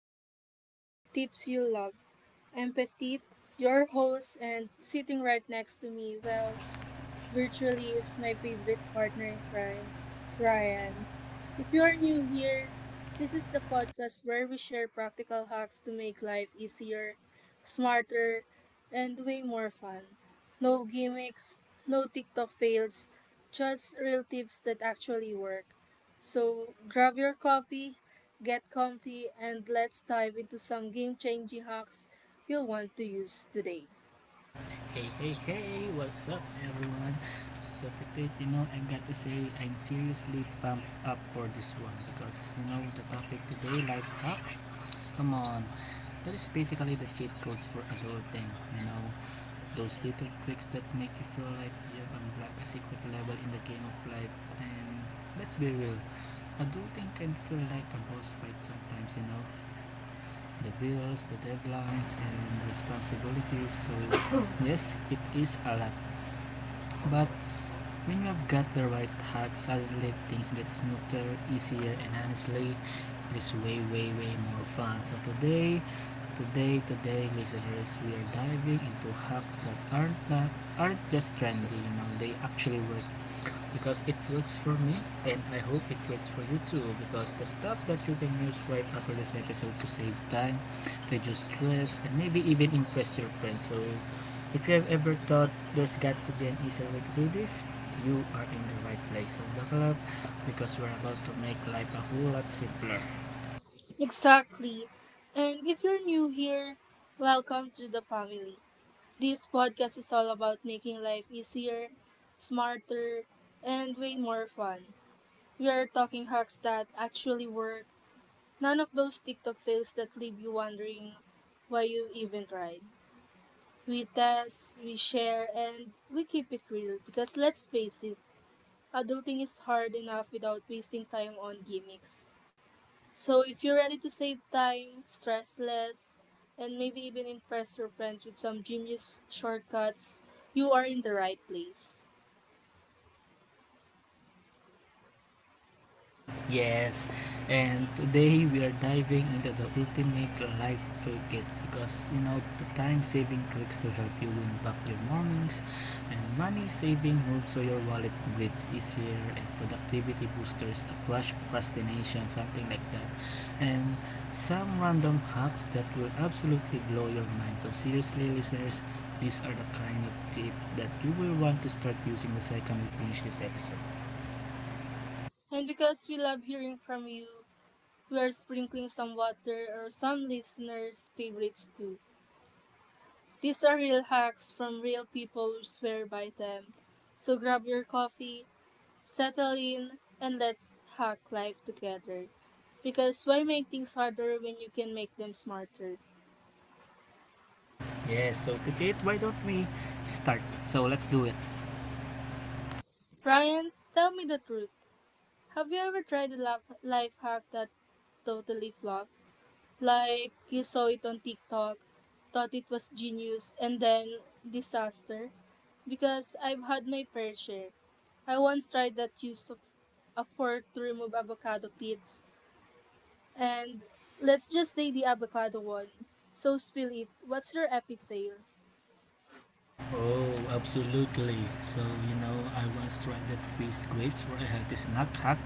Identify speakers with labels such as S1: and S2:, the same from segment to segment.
S1: That Work, Tips You Love. I'm Petite, your host, and sitting right next to me, well, virtually is my favorite partner in crime, Ryan. If you are new here, this is the podcast where we share practical hacks to make life easier, smarter, and way more fun. No gimmicks, no TikTok fails, just real tips that actually work. So grab your coffee, get comfy, and let's dive into some game changing hacks you'll want to use today.
S2: Hey, hey, hey, what's up, everyone? Today I've got to say, I'm seriously pumped up for this one because, the topic today, life hacks, come on. That is basically the cheat codes for adulting, you know, those little tricks that make you feel like you've unlocked a secret level in the game of life. And let's be real, adulting can feel like a boss fight sometimes, you know, the bills, the deadlines, and responsibilities. So, yes, it is a lot. But when you have got the right hack, suddenly things get smoother, easier, and honestly, it is way, way, way more fun. So today, listeners, we are diving into hacks that aren't just trendy. You know, they actually work because it works for me, and I hope it works for you too, because the stuff that you can use right after this episode to save time, reduce stress, and maybe even impress your friends. So if you have ever thought there's got to be an easier way to do this, you are in the right place. So buckle up because we're about to make life a whole lot simpler.
S1: Exactly. And if you're new here, welcome to the family. This podcast is all about making life easier, smarter, and way more fun. We are talking hacks that actually work, none of those TikTok fails that leave you wondering why you even tried. We test, we share, and we keep it real because let's face it, adulting is hard enough without wasting time on gimmicks. So if you're ready to save time, stress less, and maybe even impress your friends with some genius shortcuts, you are in the right place.
S2: Yes, and today we are diving into the ultimate life toolkit because you know the time saving tricks to help you win back your mornings, and money saving moves so your wallet breathes easier, and productivity boosters to crush procrastination, something like that. And some random hacks that will absolutely blow your mind. So, seriously, listeners, these are the kind of tips that you will want to start using the second we finish this episode.
S1: And because we love hearing from you, we are sprinkling some water or some listeners' favorites too. These are real hacks from real people who swear by them. So grab your coffee, settle in, and let's hack life together. Because why make things harder when you can make them smarter?
S2: Yes, so Pitit, why don't we start? So let's do it.
S1: Ryan, tell me the truth. Have you ever tried a laf life hack that totally flopped? Like you saw it on TikTok, thought it was genius, and then disaster? Because I've had my fair share. I once tried that use of a fork to remove avocado pits, and let's just say the avocado one. So spill it. What's your epic fail?
S2: Oh, absolutely. So, you know, I once tried that freeze grapes for a healthy snack hack.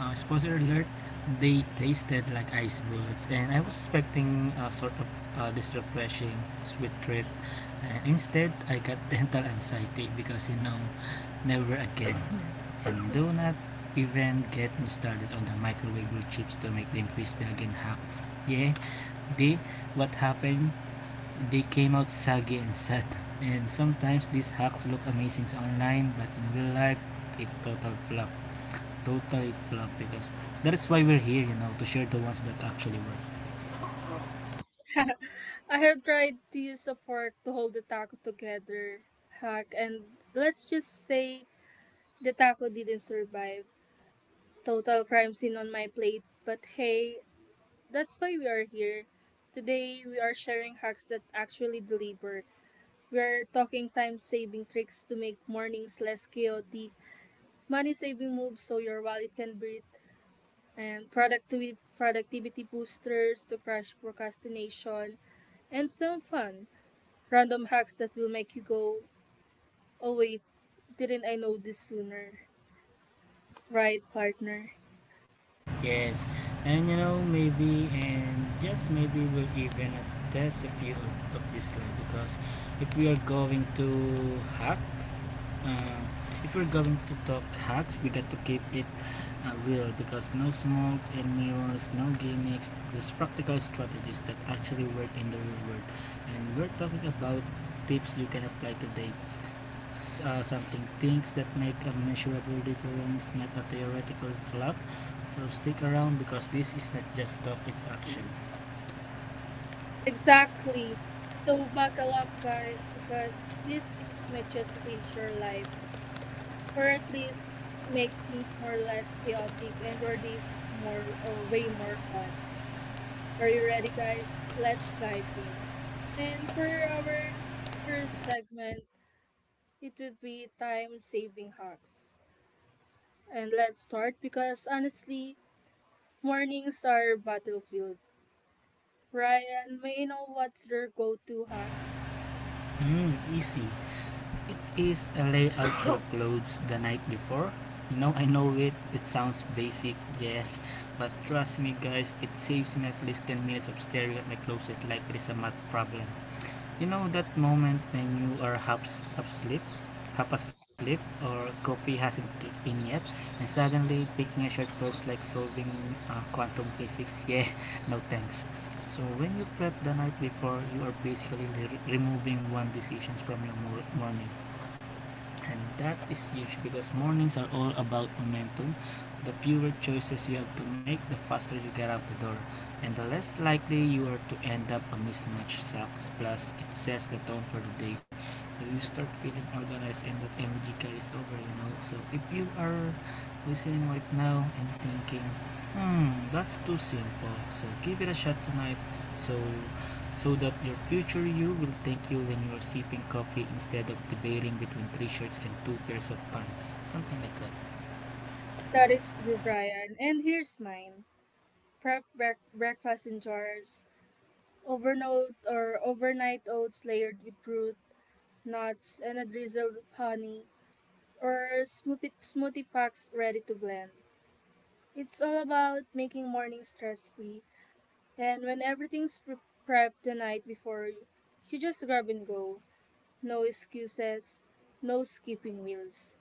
S2: Spoiler alert, they tasted like ice bullets, and I was expecting a sort of this refreshing sweet treat. And instead, I got dental anxiety because, never again. And do not even get me started on the microwave chips to make them crispy again hack. Yeah, they what happened? They came out saggy and sad. And sometimes these hacks look amazing online, but in real life, it total flop. Total flop because that is why we're here, you know, to share the ones that actually work.
S1: I have tried to use a fork to hold the taco together, hack, and let's just say the taco didn't survive. Total crime scene on my plate. But hey, that's why we are here. Today, we are sharing hacks that actually deliver. We are talking time saving tricks to make mornings less chaotic, money saving moves so your wallet can breathe, and productivity boosters to crush procrastination, and some fun random hacks that will make you go, oh wait, didn't I know this sooner? Right, partner?
S2: Yes, and you know, maybe and just maybe we'll even test a few of this lab because if we are going to hack, uh, if we're going to talk hacks, we got to keep it real because no smoke and mirrors, no gimmicks, just practical strategies that actually work in the real world. And we're talking about tips you can apply today, something things that make a measurable difference, not a theoretical fluff. So stick around because this is not just talk, it's actions.
S1: Exactly. So buckle up, guys, because these tips may just change your life, or at least make things more or less chaotic and or days more or way more fun. Are you ready, guys? Let's dive in. And for our first segment, it would be time saving hacks. And let's start because honestly, mornings are battlefield. Ryan, may I know what's your go-to hack?
S2: Hmm, easy. It is a layout for clothes the night before. You know, I know it. It sounds basic, yes, but trust me, guys, it saves me at least 10 minutes of staring at my closet like it is a math problem. You know that moment when you are half asleep, or coffee hasn't kicked in yet, and suddenly picking a shot feels like solving quantum physics. Yeah, no thanks. So when you prep the night before, you are basically removing one decision from your morning, and that is huge because mornings are all about momentum. The fewer choices you have to make, the faster you get out the door, and the less likely you are to end up a mismatch sucks. Plus, it sets the tone for the day, so you start feeling organized, and that energy carries over. You know. So if you are listening right now and thinking, "Hmm, that's too simple," so give it a shot tonight. So so that your future you will thank you when you are sipping coffee instead of debating between three shirts and two pairs of pants. Something like that.
S1: That is true, Brian. And here's mine. Prep breakfast in jars, overnight oats layered with fruit, nuts, and a drizzle of honey, or smoothie packs ready to blend. It's all about making mornings stress-free, and when everything's prepped the night before, you just grab and go. No excuses, no skipping meals.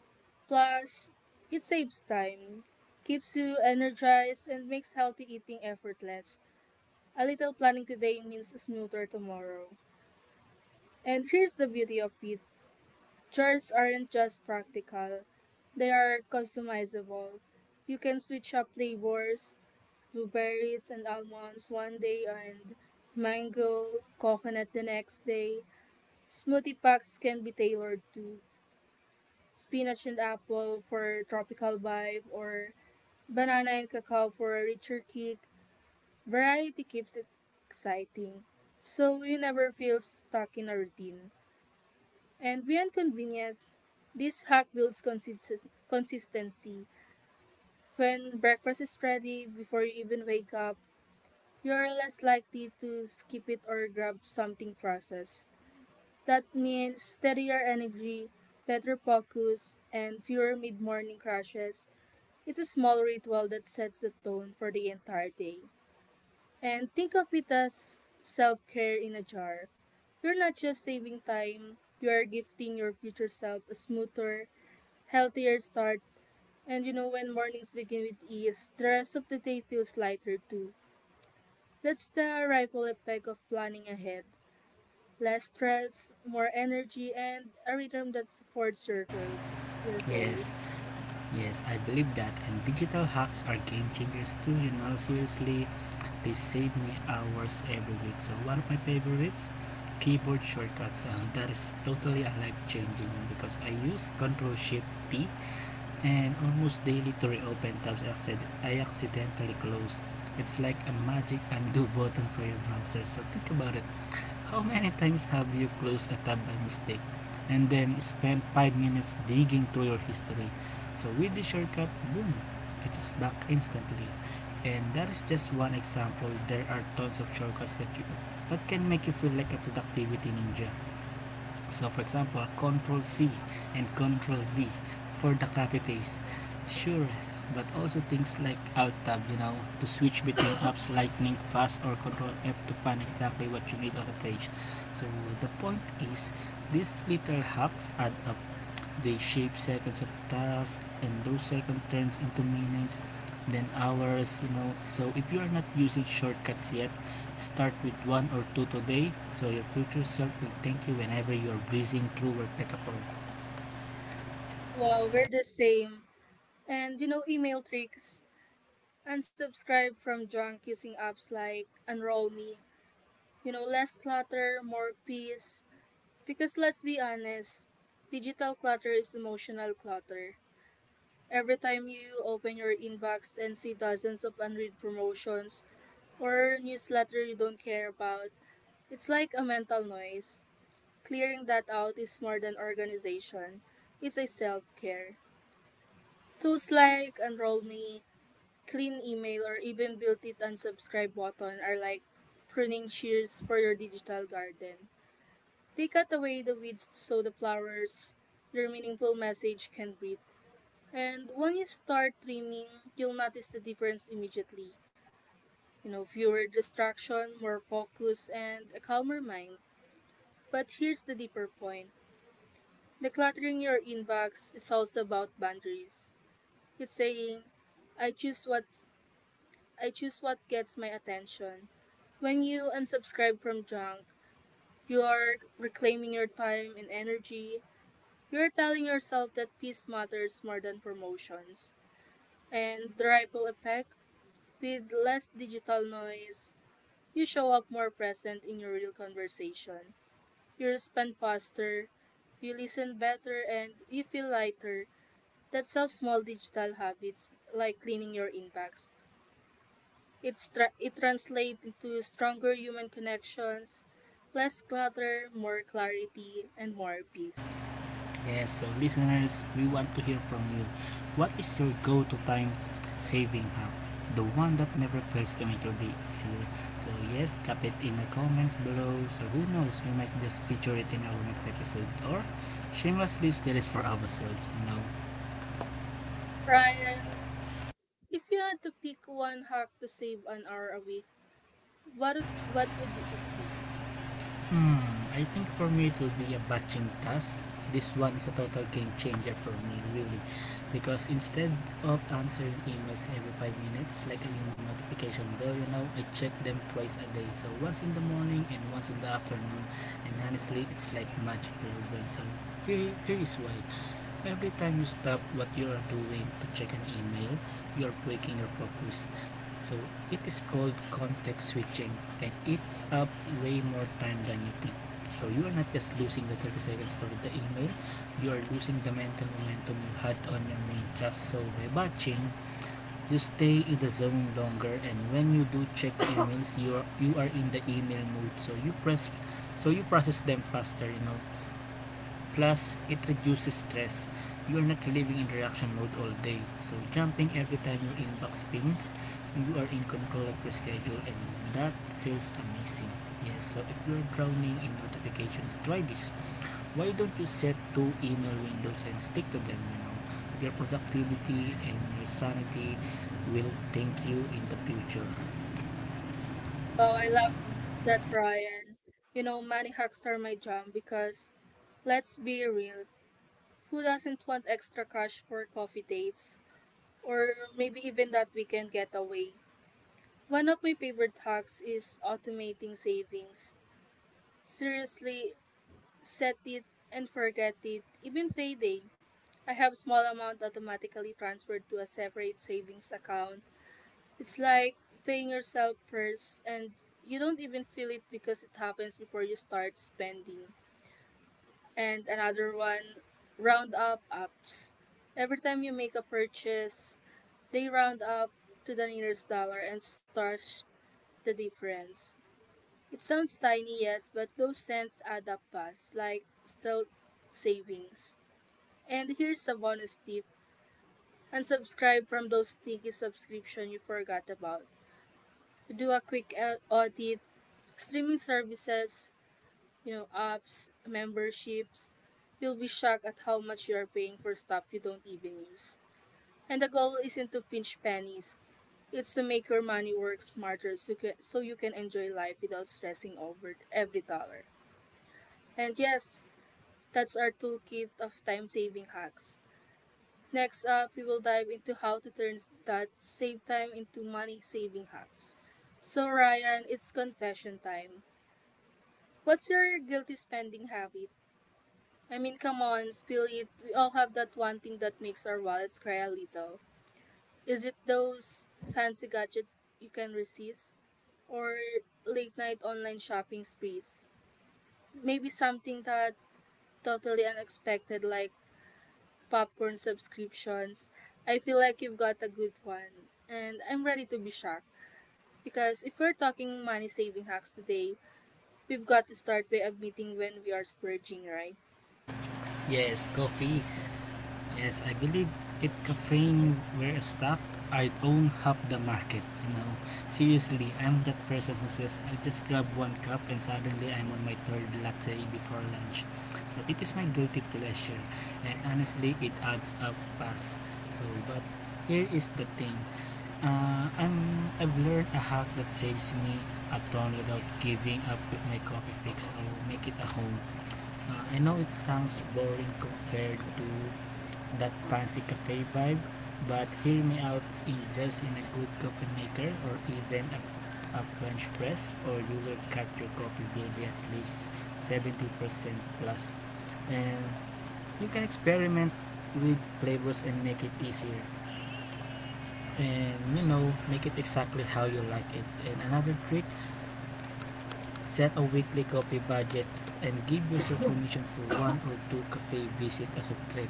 S1: Plus, it saves time, keeps you energized, and makes healthy eating effortless. A little planning today means a smoother tomorrow. And here's the beauty of it: charts aren't just practical, they are customizable. You can switch up flavors, blueberries and almonds one day, and mango, coconut the next day. Smoothie packs can be tailored to spinach and apple for tropical vibe, or banana and cacao for a richer kick. Variety keeps it exciting, so you never feel stuck in a routine. And beyond convenience, this hack builds consistency. When breakfast is ready before you even wake up, you are less likely to skip it or grab something processed. That means steadier energy, better focus, and fewer mid morning crashes. It's a small ritual that sets the tone for the entire day. And think of it as self care in a jar. You're not just saving time, you are gifting your future self a smoother, healthier start. And you know, when mornings begin with ease, the rest of the day feels lighter too. That's the ripple effect of planning ahead: less stress, more energy, and a rhythm that supports your goals, your
S2: Yes,
S1: goals.
S2: yes, I believe that. And digital hacks are game changers too, you know. Seriously, they save me hours every week. So, one of my favorites keyboard shortcuts, that is totally a life changing because I use Control Shift T and almost daily to reopen tabs I accidentally close. It's like a magic undo button for your browser. So think about it. How many times have you closed a tab by mistake and then spent 5 minutes digging through your history? So with the shortcut, boom, it is back instantly. And that is just one example. There are tons of shortcuts that you that can make you feel like a productivity ninja. So for example, Control C and Control V for the copy paste. Sure, but also things like Alt tab, you know, to switch between apps lightning fast, or Control F to find exactly what you need on the page. So the point is, these little hacks add up. They shape seconds of tasks, and those seconds turns into minutes, then hours. You know, so if you are not using shortcuts yet, start with one or two today, so your future self will thank you whenever you are breezing through work like a pro.
S1: Wow, we're the same. And you know, email tricks. Unsubscribe from junk using apps like Enroll Me. You know, less clutter, more peace. Because let's be honest, digital clutter is emotional clutter. Every time you open your inbox and see dozens of unread promotions or newsletter you don't care about, it's like a mental noise. Clearing that out is more than organization. It's a self-care. Tools like Enroll Me, Clean Email, or even built-in unsubscribe button are like pruning shears for your digital garden. They cut away the weeds so the flowers, their meaningful message, can breathe. And when you start trimming, you'll notice the difference immediately. You know, fewer distraction, more focus, and a calmer mind. But here's the deeper point: decluttering your inbox is also about boundaries. It's saying, I choose what's I choose what gets my attention. When you unsubscribe from junk, you are reclaiming your time and energy. You're telling yourself that peace matters more than promotions. And the ripple effect, with less digital noise, you show up more present in your real conversation. You respond faster, you listen better, and you feel lighter. That's how small digital habits, like cleaning your impacts, it translates into stronger human connections, less clutter, more clarity, and more peace.
S2: Yes, so listeners, we want to hear from you. What is your go to time saving hack? The one that never fails to make your day easier. So, yes, drop it in the comments below. So, who knows, we might just feature it in our next episode or shamelessly steal it for ourselves, you know.
S1: Ryan, if you had to pick one hack to save an hour a week, what would you?
S2: Hmm, I think for me it will be a batching task. This one is a total game changer for me, really. Because instead of answering emails every 5 minutes, like a notification bell, you know, I check them twice a day. So once in the morning and once in the afternoon. And honestly, it's like magic for your brain. So here is why. Every time you stop what you are doing to check an email, you are breaking your focus. So it is called context switching, and it's up way more time than you think. So you are not just losing the 30 seconds to read the email, you are losing the mental momentum you had on your main task. So by batching, you stay in the zone longer, and when you do check emails, you are in the email mode. So you process them faster, you know. Plus, it reduces stress. You are not living in reaction mode all day. So, jumping every time your inbox pings, you are in control of your schedule, and that feels amazing. Yes, so if you're drowning in notifications, try this. Why don't you set two email windows and stick to them? You know, your productivity and your sanity will thank you in the future.
S1: Oh, I love that, Ryan. You know, money hacks are my jam because, let's be real, who doesn't want extra cash for coffee dates or maybe even that weekend getaway? One of my favorite hacks is automating savings. Seriously, set it and forget it. Even payday, I have small amount automatically transferred to a separate savings account. It's like paying yourself first, and you don't even feel it because it happens before you start spending. And another one, round up apps. Every time you make a purchase, they round up to the nearest dollar and stash the difference. It sounds tiny, yes, but those cents add up fast, like stealth savings. And here's a bonus tip. Unsubscribe from those sticky subscription you forgot about. Do a quick audit. Streaming services, you know, apps, memberships, you'll be shocked at how much you are paying for stuff you don't even use. And the goal isn't to pinch pennies, it's to make your money work smarter so, so you can enjoy life without stressing over every dollar. And yes, that's our toolkit of time saving hacks. Next up, we will dive into how to turn that save time into money saving hacks. So, Ryan, it's confession time. What's your guilty spending habit? I mean, come on, still, it, we all have that one thing that makes our wallets cry a little. Is it those fancy gadgets you can resist? Or late night online shopping sprees? Maybe something that totally unexpected, like popcorn subscriptions? I feel like you've got a good one, and I'm ready to be shocked. Because if we're talking money saving hacks today, we've got to start by admitting when we are splurging, right?
S2: Yes, coffee. Yes, I believe if caffeine were a stock, I'd own half the market. You know, seriously, I'm that person who says I'll just grab one cup and suddenly I'm on my third latte before lunch. So it is my guilty pleasure, and honestly, it adds up fast. So, but here is the thing. I've learned a hack that saves me a ton without giving up with my coffee fix. I'll make it a home. I know it sounds boring compared to that fancy cafe vibe, but hear me out, invest in a good coffee maker or even a French press, or you will cut your coffee bill by at least 70% plus. And you can experiment with flavors and make it easier, and you know make it exactly how you like it. And another trick, set a weekly coffee budget and give yourself permission for one or two cafe visit as a treat.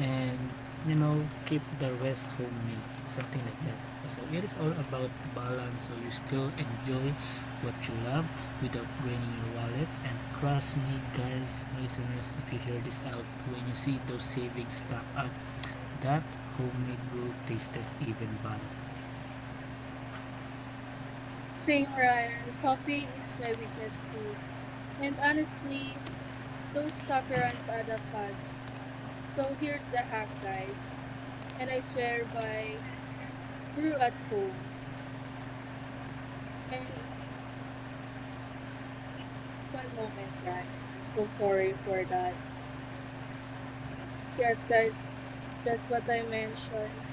S2: And you know, keep the rest homemade, something like that. So it is all about balance so you still enjoy what you love without draining your wallet. And trust me guys, listeners, if you hear this out, when you see those savings stack up, that homemade brew tastes even better.
S1: Same, Ryan. Coffee is my weakness too. And honestly, those copy runs add up fast. So here's the hack, guys. And I swear by brew at home. And one moment, Brian. I'm so sorry for that. Yes, guys, just what I mentioned.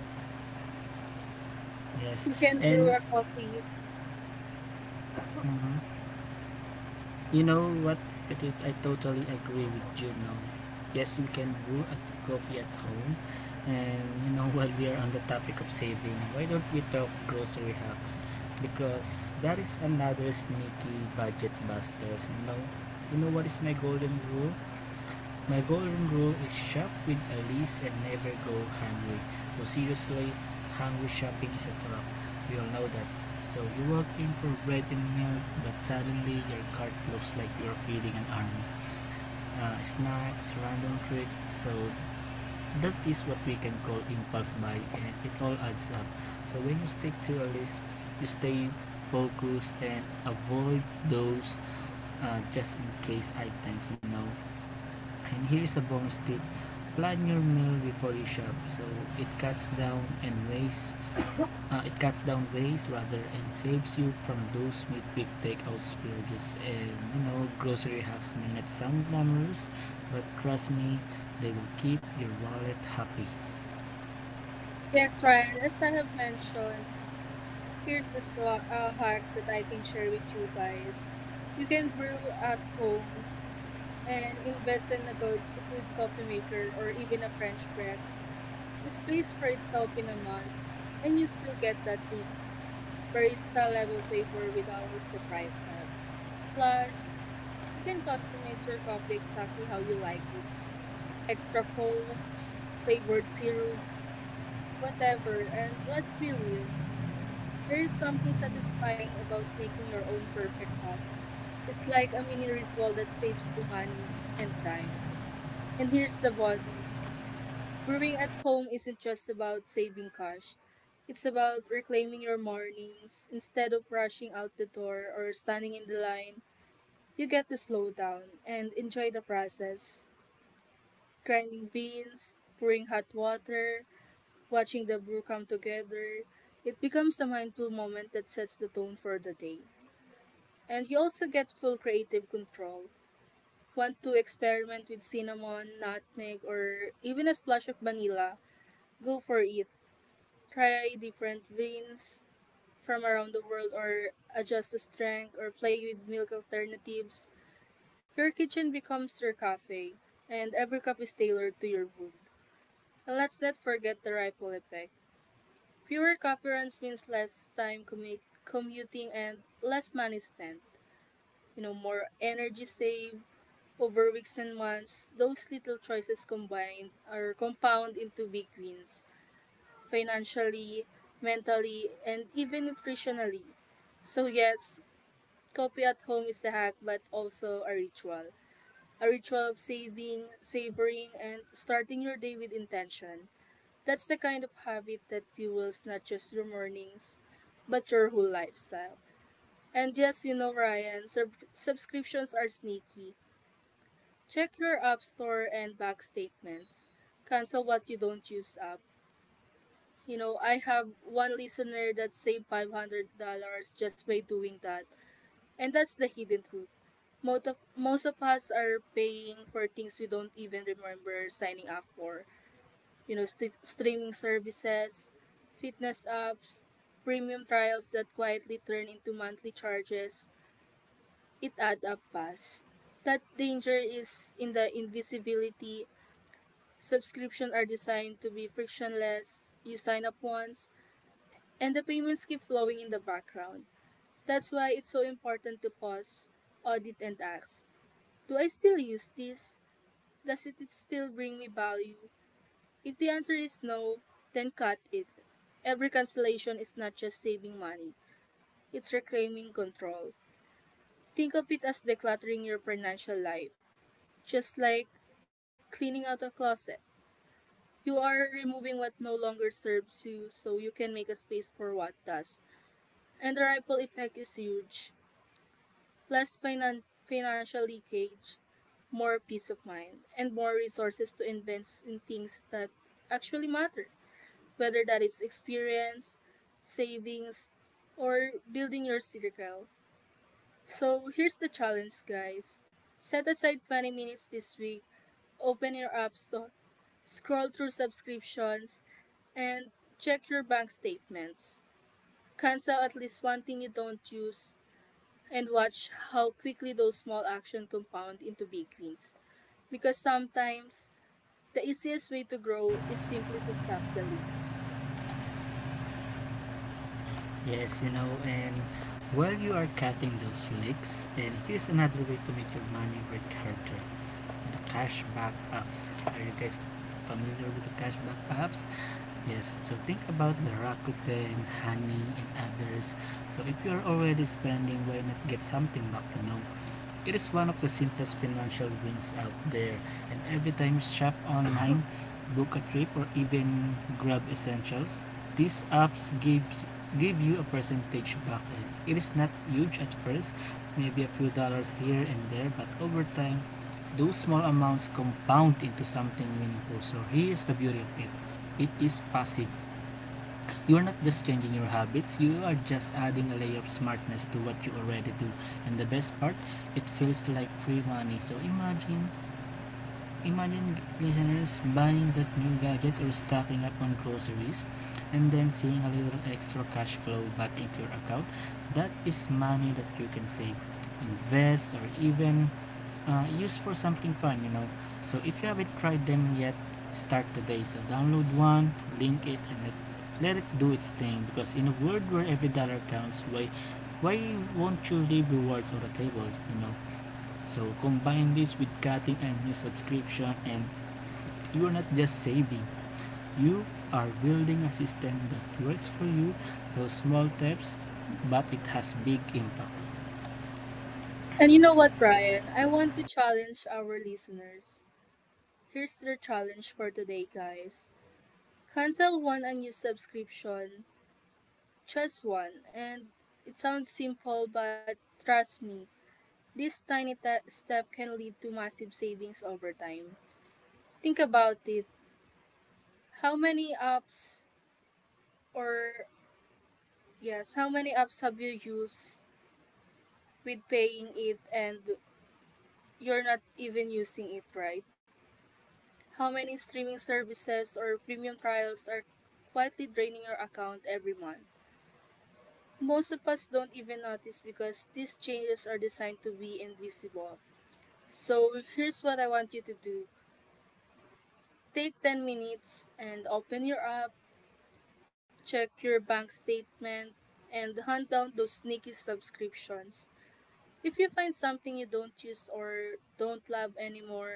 S2: Yes.
S1: You can
S2: And
S1: brew a coffee.
S2: mhm. You know what, Petit? I totally agree with you now. Yes, we can brew a coffee at home. And you know, while we are on the topic of saving, why don't we talk grocery hacks? Because that is another sneaky budget buster. You know what is my golden rule? My golden rule is shop with a list and never go hungry. So seriously, hungry shopping is a trap. We all know that. So you walk in for bread and milk, but suddenly your cart looks like you're feeding an army. Snacks, random treats. So that is what we can call impulse buy, and it all adds up. So when you stick to a list, you stay focused and avoid those just in case items. And here's a bonus tip, plan your meal before you shop so it cuts down and waste, it cuts down waste rather, and saves you from those mid big takeout splurges. And grocery hacks may not sound glamorous, but trust me, they will keep your wallet happy.
S1: Yes, Ryan, as I have mentioned, here's the hack that I can share with you guys. You can brew at home and invest in a good coffee maker or even a French press. It pays for itself in a month, and you still get that rich barista level flavor without the price tag. Plus, you can customize your coffee exactly how you like it. Extra foam, flavored syrups, whatever. And let's be real, there is something satisfying about making your own perfect cup. It's like a mini ritual that saves you money and time. And here's the bonus. Brewing at home isn't just about saving cash. It's about reclaiming your mornings. Instead of rushing out the door or standing in the line, you get to slow down and enjoy the process. Grinding beans, pouring hot water, watching the brew come together. It becomes a mindful moment that sets the tone for the day. And you also get full creative control. Want to experiment with cinnamon, nutmeg, or even a splash of vanilla? Go for it. Try different vins from around the world, or adjust the strength, or play with milk alternatives. Your kitchen becomes your cafe, and every cup is tailored to your mood. And let's not forget the ripple effect. Fewer coffee runs means less time commuting and less money spent. You know, more energy saved over weeks and months. Those little choices combined are compound into big wins. Financially, mentally, and even nutritionally. So yes, coffee at home is a hack but also a ritual. A ritual of saving, savoring, and starting your day with intention. That's the kind of habit that fuels not just your mornings, but your whole lifestyle. And yes, Ryan, subscriptions are sneaky. Check your App Store and bank statements. Cancel what you don't use up. I have one listener that saved $500 just by doing that. And that's the hidden truth. Most of us are paying for things we don't even remember signing up for. Streaming services, fitness apps, premium trials that quietly turn into monthly charges. It adds up fast. That danger is in the invisibility. Subscriptions are designed to be frictionless. You sign up once, and the payments keep flowing in the background. That's why it's so important to pause, audit, and ask, do I still use this? Does it still bring me value? If the answer is no, then cut it. Every cancellation is not just saving money, it's reclaiming control. Think of it as decluttering your financial life, just like cleaning out a closet. You are removing what no longer serves you so you can make a space for what does. And the ripple effect is huge. Less financial leakage, more peace of mind, and more resources to invest in things that actually matter, whether that is experience, savings, or building your circle. So here's the challenge, guys. Set aside 20 minutes this week, open your app store, scroll through subscriptions, and check your bank statements. Cancel at least one thing you don't use and watch how quickly those small actions compound into big wins. Because sometimes the easiest way to grow is simply to stop the leaks.
S2: Yes, and while you are cutting those leaks, and here's another way to make your money work harder. It's the cashback apps. Are you guys familiar with the cashback apps? Yes, so think about the Rakuten, Honey, and others. So if you're already spending, why not get something back, It is one of the simplest financial wins out there, and every time you shop online, book a trip, or even grab essentials, these apps give you a percentage back. It is not huge at first, maybe a few dollars here and there, but over time, those small amounts compound into something meaningful. So here's the beauty of it. It is passive. You are not just changing your habits, you are just adding a layer of smartness to what you already do. And the best part, it feels like free money. So imagine listeners buying that new gadget or stocking up on groceries and then seeing a little extra cash flow back into your account. That is money that you can save, invest, or even used for something fun, So if you haven't tried them yet, start today. So download one, link it, and let it do its thing. Because in a world where every dollar counts, why won't you leave rewards on the table, So combine this with cutting a new subscription, and you are not just saving. You are building a system that works for you. So small steps, but it has big impact.
S1: And you know what, Brian? I want to challenge our listeners. Here's their challenge for today, guys. Cancel one unused subscription, just one, and it sounds simple, but trust me, this tiny step can lead to massive savings over time. Think about it. How many apps or, yes, how many apps have you used with paying it and you're not even using it, right? How many streaming services or premium trials are quietly draining your account every month? Most of us don't even notice because these changes are designed to be invisible. So here's what I want you to do. Take 10 minutes and open your app, check your bank statement, and hunt down those sneaky subscriptions. If you find something you don't use or don't love anymore,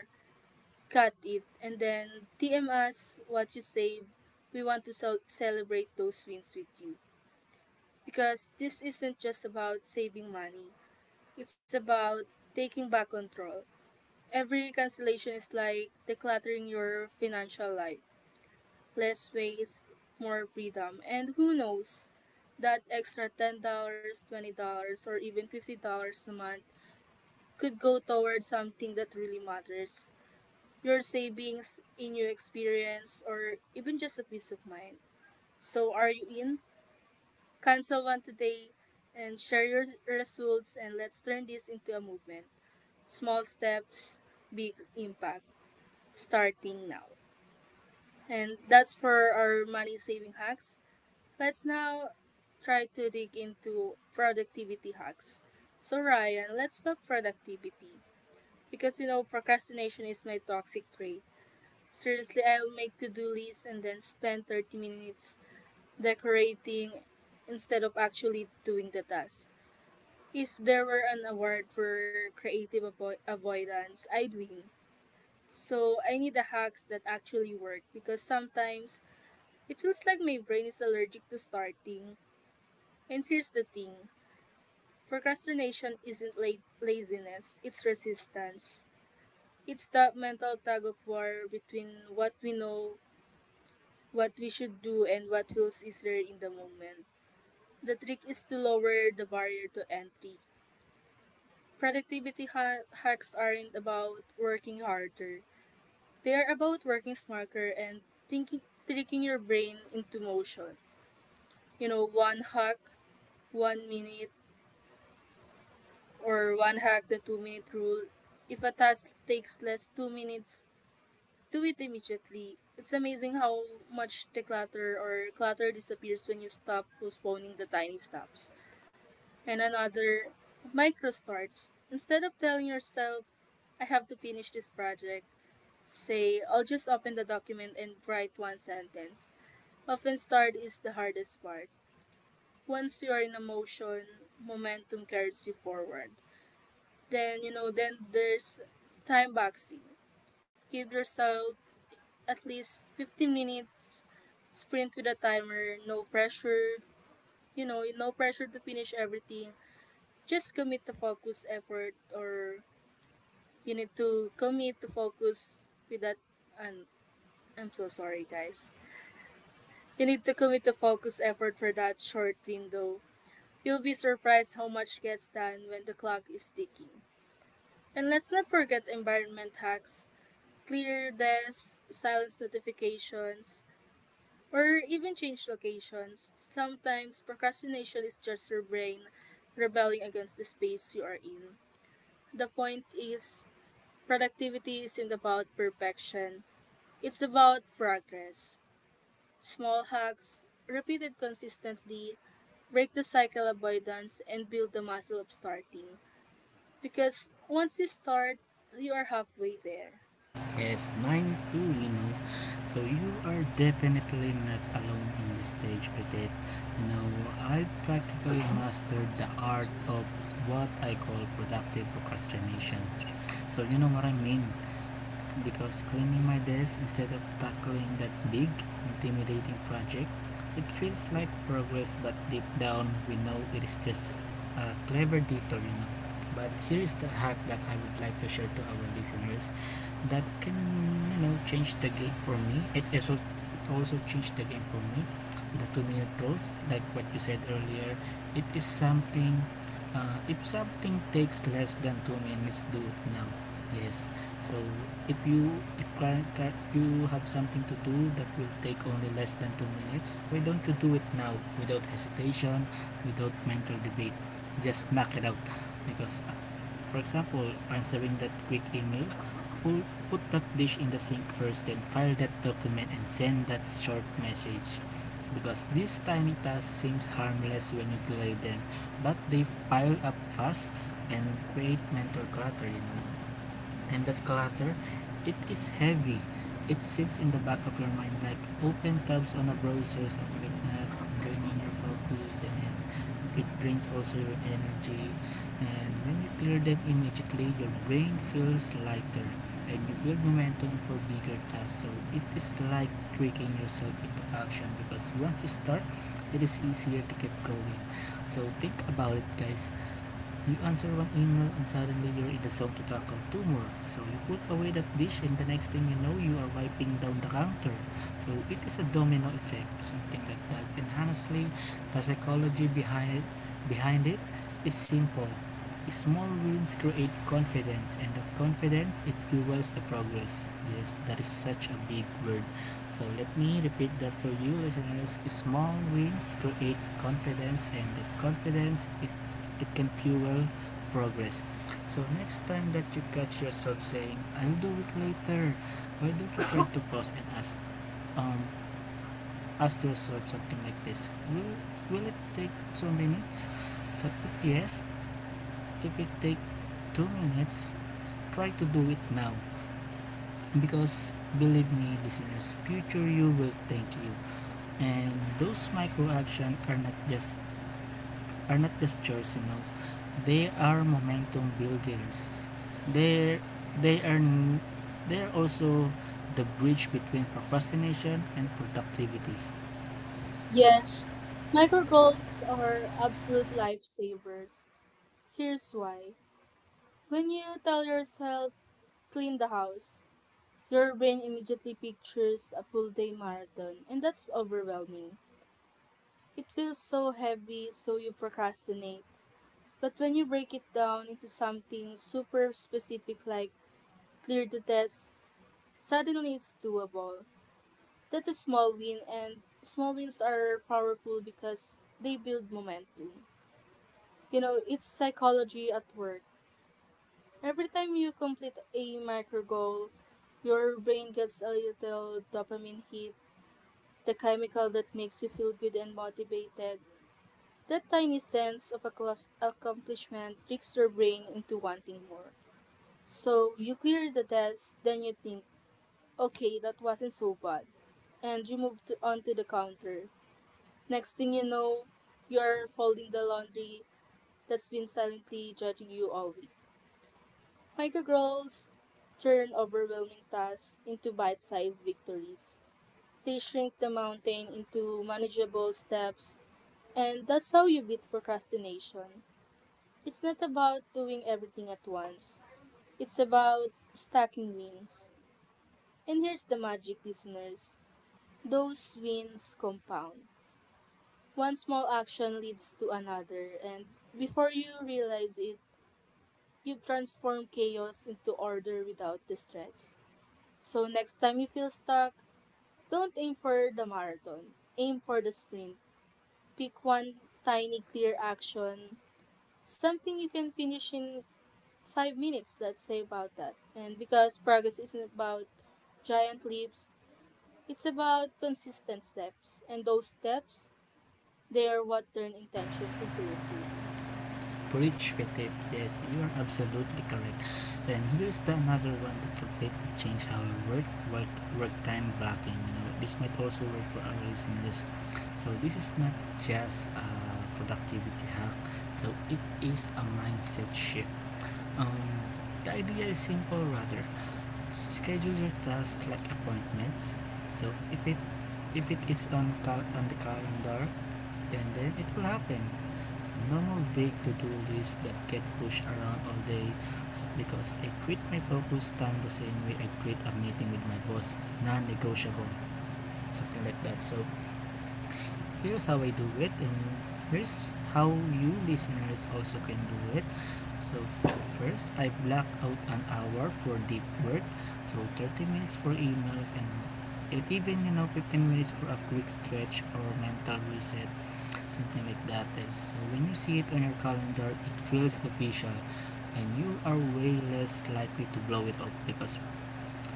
S1: cut it and then DM us what you save. We want to celebrate those wins with you. Because this isn't just about saving money, it's about taking back control. Every cancellation is like decluttering your financial life. Less waste, more freedom. And who knows, that extra $10, dollars, $20, or even $50 a month could go towards something that really matters: your savings, a new experience, or even just a peace of mind. So, are you in? Cancel one today and share your results, and let's turn this into a movement. Small steps, big impact, starting now. And that's for our money saving hacks. Let's now try to dig into productivity hacks. So, Ryan, let's talk productivity because you know procrastination is my toxic trait. Seriously, I'll make to-do lists and then spend 30 minutes decorating instead of actually doing the task. If there were an award for creative avoidance, I'd win. So I need the hacks that actually work because sometimes it feels like my brain is allergic to starting. And here's the thing, procrastination isn't laziness, it's resistance. It's that mental tug of war between what we know what we should do and what feels easier in the moment. The trick is to lower the barrier to entry. Productivity hacks aren't about working harder. They are about working smarter and thinking tricking your brain into motion. You know, one hack, 1 minute, or one hack the 2 minute rule. If a task takes less 2 minutes, do it immediately. It's amazing how much declutter or clutter disappears when you stop postponing the tiny steps. And another, micro starts. Instead of telling yourself, I have to finish this project, say, I'll just open the document and write one sentence. Often, start is the hardest part. Once you are in a motion, momentum carries you forward. Then, then there's time boxing. Give yourself at least 15 minutes, sprint with a timer, no pressure, no pressure to finish everything. Just commit the focus, effort, or You need to commit to focus with that. And I'm so sorry, guys. You need to commit to focus effort for that short window. You'll be surprised how much gets done when the clock is ticking. And let's not forget environment hacks. Clear your desk, silence notifications, or even change locations. Sometimes procrastination is just your brain rebelling against the space you are in. The point is, productivity isn't about perfection, it's about progress. Small hacks, repeated consistently, break the cycle of avoidance, and build the muscle of starting. Because once you start, you are halfway there.
S2: Yes, nine two, So you are definitely not alone in this stage, Petit. You know, I practically mastered the art of what I call productive procrastination. So you know what I mean? Because cleaning my desk instead of tackling that big, intimidating project, it feels like progress, but deep down we know it is just a clever detour, But here is the hack that I would like to share to our listeners, that can, change the game for me. It also changed the game for me, the 2 minute rules like what you said earlier. It is something, if something takes less than 2 minutes, do it now. Yes. So if you if current, you have something to do that will take only less than 2 minutes, why don't you do it now? Without hesitation, without mental debate, just knock it out. Because, for example, answering that quick email, pull put that dish in the sink first, then file that document and send that short message. Because these tiny tasks seems harmless when you delay them, but they pile up fast and create mental clutter, And that clutter, it is heavy. It sits in the back of your mind like open tabs on a browser, something like that, draining your focus and it drains also your energy. And when you clear them immediately, your brain feels lighter and you build momentum for bigger tasks. So it is like tricking yourself into action, because once you start, it is easier to keep going. So think about it, guys. You answer one email and suddenly you're in the zone to tackle two more. So you put away that dish and the next thing you know you are wiping down the counter. So it is a domino effect, something like that. And honestly, the psychology behind it is simple. Small wins create confidence and that confidence it fuels the progress. Yes, that is such a big word. So let me repeat that for you listeners. Small wins create confidence and that confidence, it can fuel progress. So next time that you catch yourself saying, I'll do it later, why don't you try to pause and ask, um, ask yourself something like this. Will it take 2 minutes? So if yes, if it take 2 minutes, try to do it now. Because believe me, listeners, future you will thank you. And those micro actions are not just chores, They are momentum builders. They they are they are also the bridge between procrastination and productivity.
S1: Yes, micro goals are absolute lifesavers. Here's why. When you tell yourself, clean the house, your brain immediately pictures a full day marathon, and that's overwhelming. It feels so heavy, so you procrastinate. But when you break it down into something super specific like clear the test, suddenly it's doable. That's a small win, and small wins are powerful because they build momentum. You know, it's psychology at work. Every time you complete a micro goal, your brain gets a little dopamine hit, the chemical that makes you feel good and motivated. That tiny sense of accomplishment tricks your brain into wanting more. So you clear the desk, then you think, okay, that wasn't so bad. And you onto the counter. Next thing you know, you're folding the laundry that's been silently judging you all week. Microgirls turn overwhelming tasks into bite sized victories. They shrink the mountain into manageable steps, and that's how you beat procrastination. It's not about doing everything at once, it's about stacking wins. And here's the magic, listeners, those wins compound. One small action leads to another, and before you realize it, you've transformed chaos into order without distress. So next time you feel stuck, don't aim for the marathon. Aim for the sprint. Pick one tiny clear action, something you can finish in 5 minutes, let's say about that. And because progress isn't about giant leaps, it's about consistent steps. And those steps, they are what turn intentions into receipts.
S2: Bridge between, yes, you are absolutely correct. And here's the another one that completely changed how we work, time blocking. You know, this might also work for our listeners. So this is not just a productivity hack. So it is a mindset shift. Um, the idea is simple rather. Schedule your tasks like appointments. So if it is on on the calendar, and then it will happen. So no more vague to-do lists that get pushed around all day, because I treat my focus time the same way I treat a meeting with my boss, non-negotiable, something like that. So here's how I do it, and here's how you listeners also can do it. So, first, I block out an hour for deep work. So, 30 minutes for emails, and even you know 15 minutes for a quick stretch or mental reset, something like that. So when you see it on your calendar it feels official, and you are way less likely to blow it up. Because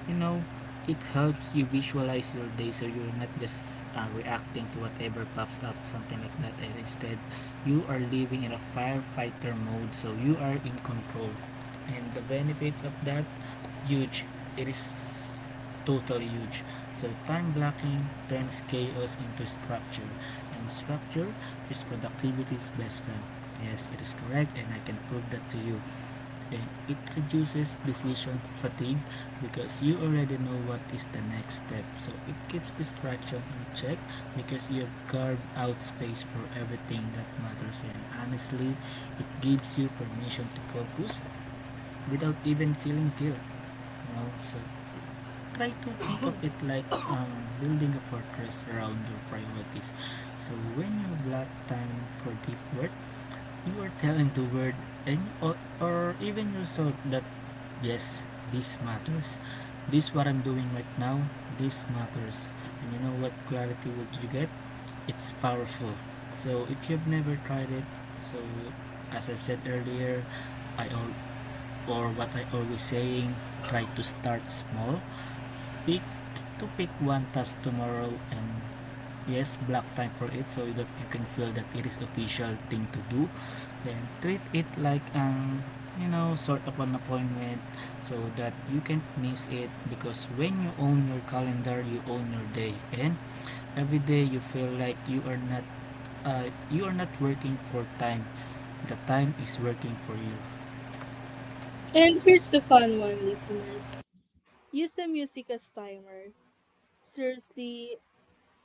S2: you know it helps you visualize your day, so you're not just reacting to whatever pops up, something like that, and instead you are living in a firefighter mode, so you are in control. And the benefits of that, huge. It is totally huge. So time blocking turns chaos into structure, and structure is productivity's best friend. Yes, it is correct and I can prove that to you. And it reduces decision fatigue, because you already know what is the next step, so it keeps distraction in check, because you've carved out space for everything that matters. And honestly, it gives you permission to focus without even feeling guilt, you know? So try to think of it like, building a fortress around your priorities. So when you block time for deep work, you are telling the world and, or even yourself, that yes, this matters. This what I'm doing right now, this matters. And you know what clarity would you get, it's powerful. So if you've never tried it, so as I've said earlier, i al- or what I always saying, try to start small. pick pick one task tomorrow, and yes, block time for it so that you can feel that it is official thing to do. Then treat it like an, you know, sort of an appointment, so that you can't miss it. Because when you own your calendar you own your day, and every day you feel like you are not, you are not working for time, the time is working for you.
S1: And here's the fun one, listeners. Use the music as timer. Seriously,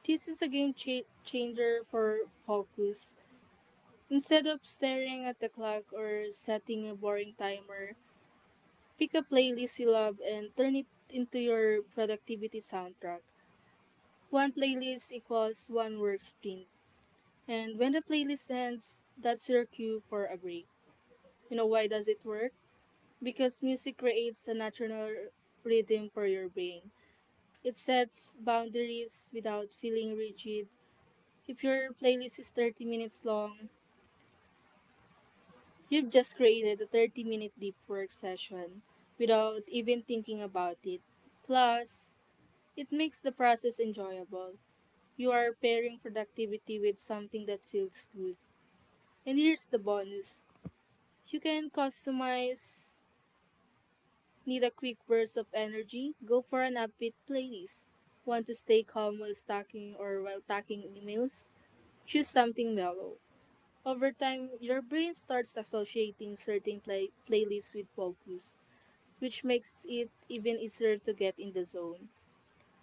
S1: this is a game changer for focus. Instead of staring at the clock or setting a boring timer, pick a playlist you love and turn it into your productivity soundtrack. One playlist equals one work sprint. And when the playlist ends, that's your cue for a break. You know why does it work? Because music creates a natural rhythm for your brain. It sets boundaries without feeling rigid. If your playlist is 30 minutes long, you've just created a 30-minute deep work session without even thinking about it. Plus, it makes the process enjoyable. You are pairing productivity with something that feels good. And here's the bonus, you can customize. Need a quick burst of energy? Go for an upbeat playlist. Want to stay calm while stacking or while tacking emails? Choose something mellow. Over time, your brain starts associating certain playlists with focus, which makes it even easier to get in the zone.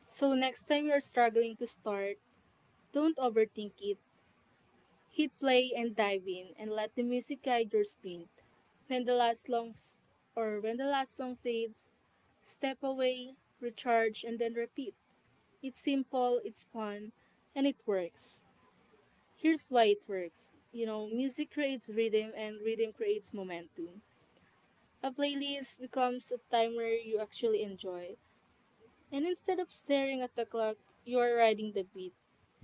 S1: So next time you're struggling to start, don't overthink it. Hit play and dive in and let the music guide your sprint. When the last song when the last song fades, step away, recharge and then repeat. It's simple, it's fun, and it works. Here's why it works. You know, music creates rhythm and rhythm creates momentum. A playlist becomes a timer you actually enjoy, and instead of staring at the clock, you are riding the beat.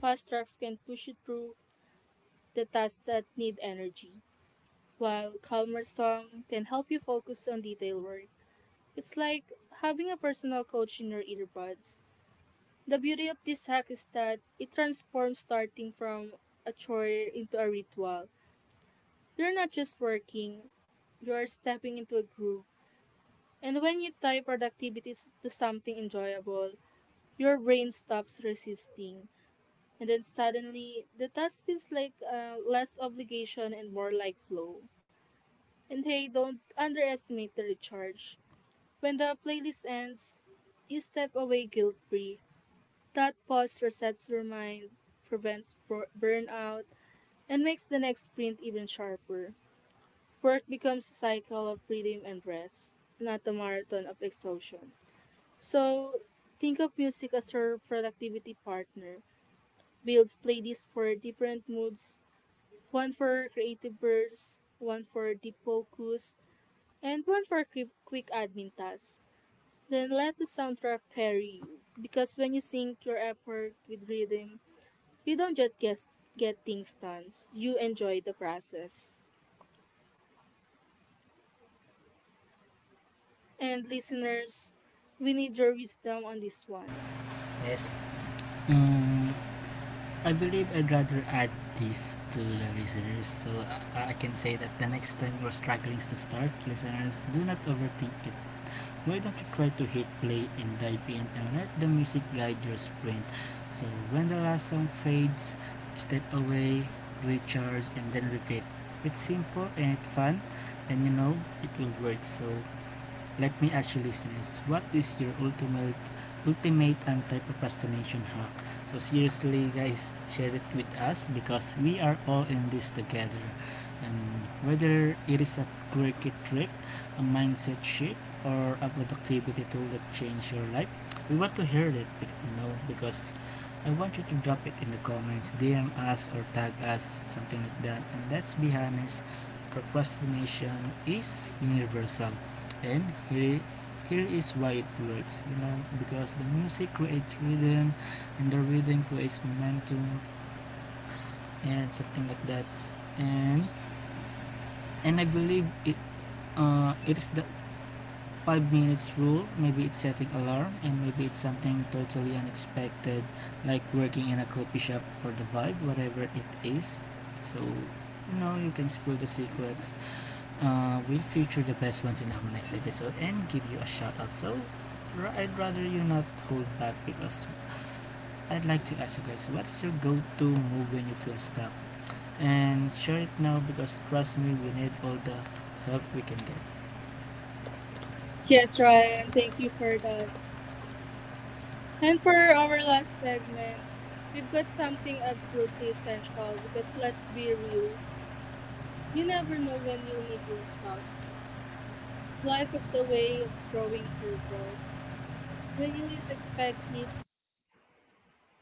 S1: Fast tracks can push you through the tasks that need energy, while calmer song can help you focus on detail work. It's like having a personal coach in your earbuds. The beauty of this hack is that it transforms starting from a chore into a ritual. You're not just working, you're stepping into a groove. And when you tie to something enjoyable, your brain stops resisting. And then suddenly, the task feels like less obligation and more like flow. And hey, don't underestimate the recharge. When the playlist ends, you step away guilt free. That pause resets your mind, prevents burnout, and makes the next sprint even sharper. Work becomes a cycle of freedom and rest, not a marathon of exhaustion. So, think of music as your productivity partner. Builds playlists for different moods, one for creative bursts, one for deep focus, and one for quick admin tasks. Then let the soundtrack carry you, because when you sync your effort with rhythm, you don't get things done, you enjoy the process. And listeners, we need your wisdom on this one.
S2: Yes. Mm, I believe I'd rather add this to the listeners. So I can say that the next time you're struggling to start, listeners, do not overthink it. Why don't you try to hit play and dive in and let the music guide your sprint. So when the last song fades, step away, recharge and then repeat. It's simple and it's fun, and you know it will work. So let me ask you listeners, what is your ultimate anti-procrastination hack? So seriously guys, share it with us because we are all in this together. And whether it is a quirky trick, a mindset shift, or a productivity tool that change your life, we want to hear it, you know, because I want you to drop it in the comments, DM us or tag us, something like that. And let's be honest, procrastination is universal. And here, here is why it works, you know, because the music creates rhythm and the rhythm creates momentum, and something like that. And and I believe it, it is the 5 minutes rule, maybe it's setting alarm, and maybe it's something totally unexpected, like working in a coffee shop for the vibe, whatever it is. So you know you can spill the secrets. We'll feature the best ones in our next episode and give you a shout out. So I'd rather you not hold back, because I'd like to ask you guys, what's your go to move when you feel stuck? And share it now because trust me, we need all the help we can get.
S1: Yes, Ryan, thank you for that. And for our last segment, we've got something absolutely essential because let's be real, you never know when you'll need these talks. Life is a way of throwing curveballs when you least expect it,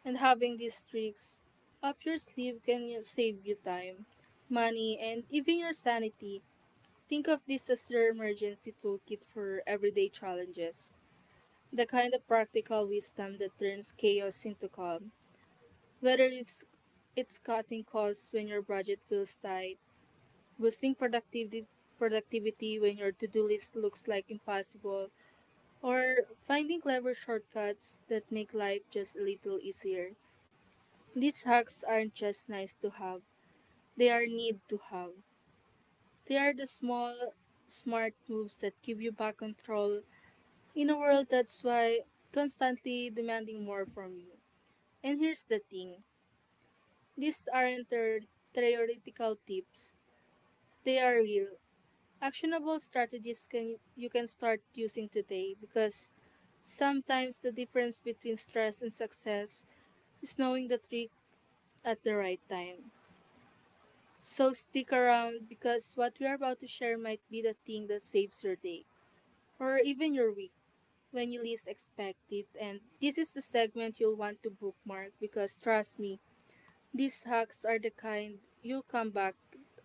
S1: and having these tricks up your sleeve can save you time, money, and even your sanity. Think of this as their emergency toolkit for everyday challenges, the kind of practical wisdom that turns chaos into calm. Whether it's cutting costs when your budget feels tight, boosting productivity when your to do list looks like impossible, or finding clever shortcuts that make life just a little easier. These hacks aren't just nice to have, they are need to have. They are the small, smart moves that give you back control in a world that's why constantly demanding more from you. And here's the thing, these aren't their theoretical tips, they are real, actionable strategies, can, you can start using today because sometimes the difference between stress and success is knowing the trick at the right time. So stick around because what we are about to share might be the thing that saves your day or even your week, when you least expect it. And this is the segment you'll want to bookmark because trust me, these hacks are the kind you'll come back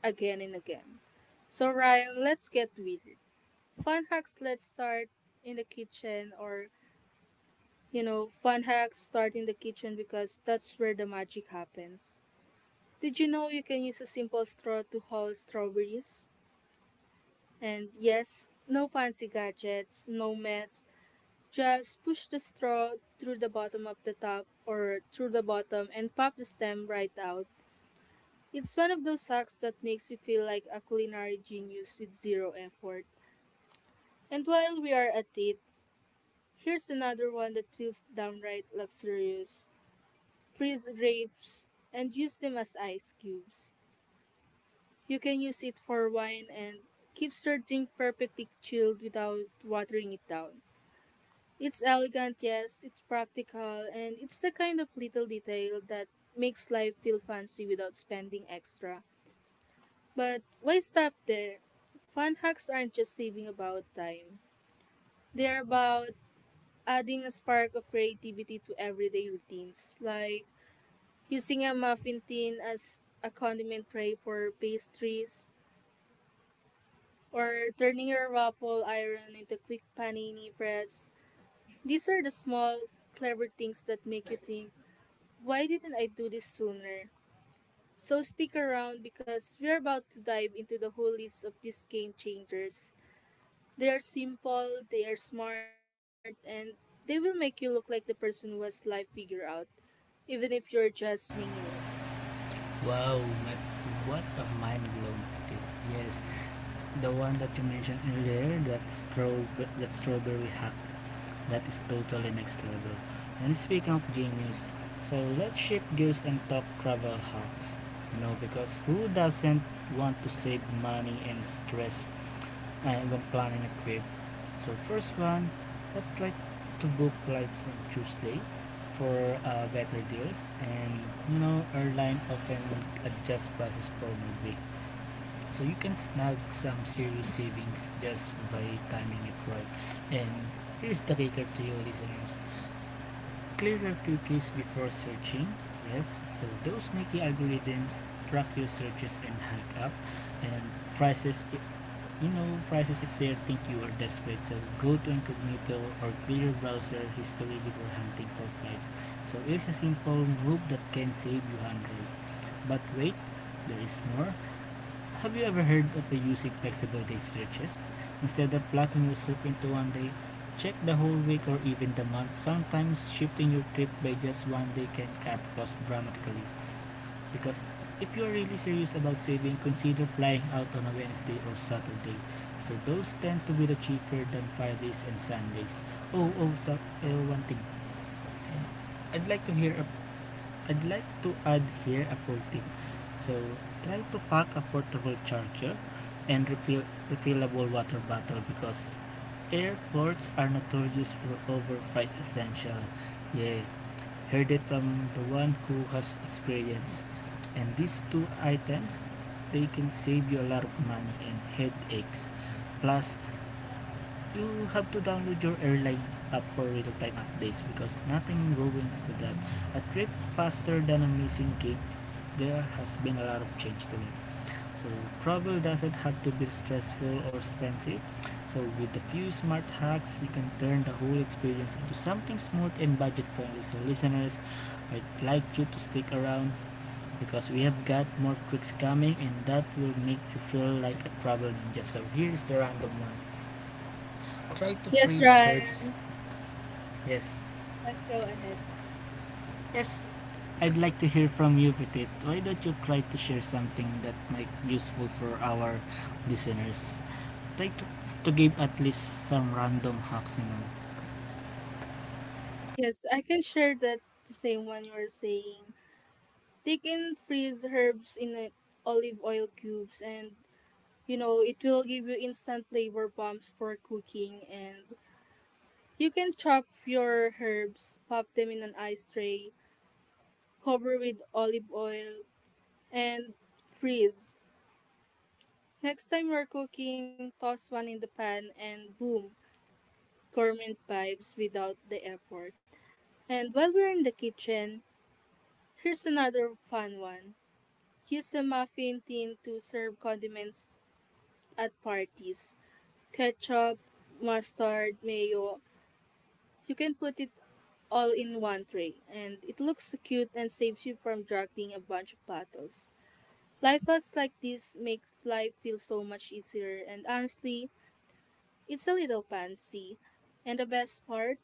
S1: again and again. So, Ryan, let's get weird. Fun hacks, let's start in the kitchen, fun hacks start in the kitchen because that's where the magic happens. Did you know you can use a simple straw to haul strawberries? And yes, no fancy gadgets, no mess, just push the straw through the bottom of the tub, or through the bottom and pop the stem right out. It's one of those hacks that makes you feel like a culinary genius with zero effort. And while we are at it, here's another one that feels downright luxurious. Freeze grapes and use them as ice cubes. You can use it for wine and keeps your drink perfectly chilled without watering it down. It's elegant, yes, it's practical, and it's the kind of little detail that makes life feel fancy without spending extra. But why stop there? Fun hacks aren't just saving about time. They're about adding a spark of creativity to everyday routines, like using a muffin tin as a condiment tray for pastries, or turning your waffle iron into a quick panini press. These are the small, clever things that make you think, why didn't I do this sooner? So stick around because we're about to dive into the whole list of these game changers. They are simple, they are smart, and they will make you look like the person who has life figured out, even if you're just winging it.
S2: Wow, what a mind blown tip. Yes, the one that you mentioned earlier, that strawberry hack, that is totally next level. And speaking of genius, so let's shift gears and talk travel hacks. You know, because who doesn't want to save money and stress when planning a trip? So first one, let's try to book flights on Tuesday for better deals, and you know airline often adjust prices for midweek, so you can snag some serious savings just by timing it right. And here's the kicker to you listeners: clear your cookies before searching. Yes, so those sneaky algorithms track your searches and hike up and prices, you know prices, if they think you are desperate. So go to incognito or clear your browser history before hunting for flights, so it's a simple move that can save you hundreds. But wait, there is more. Have you ever heard of using flexible day searches? Instead of locking yourself into one day, check the whole week or even the month. Sometimes shifting your trip by just one day can cut costs dramatically. Because if you're really serious about saving, consider flying out on a Wednesday or Saturday. So those tend to be the cheaper than Fridays and Sundays. Oh, oh, so, oh, one thing. I'd like to hear I'd like to add here a pro tip. So, try to pack a portable charger and refillable water bottle, because airports are notorious for overpriced essential. Yeah, heard it from the one who has experience. And these two items, they can save you a lot of money and headaches. Plus, you have to download your airlines app for real-time updates because nothing ruins to that. A trip faster than a missing gate. There has been a lot of change to it. So travel doesn't have to be stressful or expensive. So with a few smart hacks, you can turn the whole experience into something smooth and budget-friendly. So listeners, I'd like you to stick around because we have got more tricks coming, and that will make you feel like a travel ninja. So here's the random one. Try to
S1: Yes,
S2: freeze herbs.
S1: Ryan.
S2: Yes.
S1: Let's go ahead.
S2: Yes, I'd like to hear from you, Petit. Why don't you try to share something that might be useful for our listeners? Try to give at least some random hacks, you know.
S1: Yes, I can share that the same one you were saying. They can freeze herbs in olive oil cubes, and you know it will give you instant flavor bumps for cooking. And you can chop your herbs, pop them in an ice tray, cover with olive oil, and freeze. Next time you're cooking, toss one in the pan and boom, gourmet vibes without the effort. And while we're in the kitchen, here's another fun one. Use a muffin tin to serve condiments at parties. Ketchup, mustard, mayo. You can put it all in one tray, and it looks cute and saves you from juggling a bunch of bottles. Life hacks like this make life feel so much easier, and honestly, it's a little fancy. And the best part,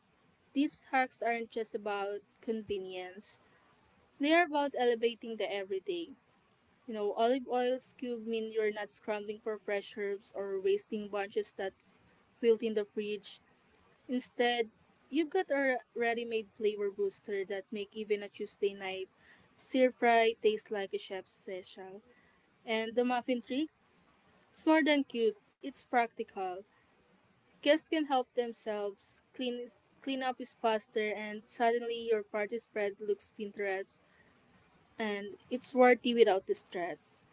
S1: these hacks aren't just about convenience, they are about elevating the everyday. You know, olive oil cube mean you're not scrambling for fresh herbs or wasting bunches that wilt in the fridge. Instead, you've got a ready-made flavor booster that make even a Tuesday night stir fry taste like a chef's special. And the muffin trick? It's more than cute, it's practical. Guests can help themselves, clean up is faster, and suddenly your party spread looks Pinterest and it's worthy without the stress.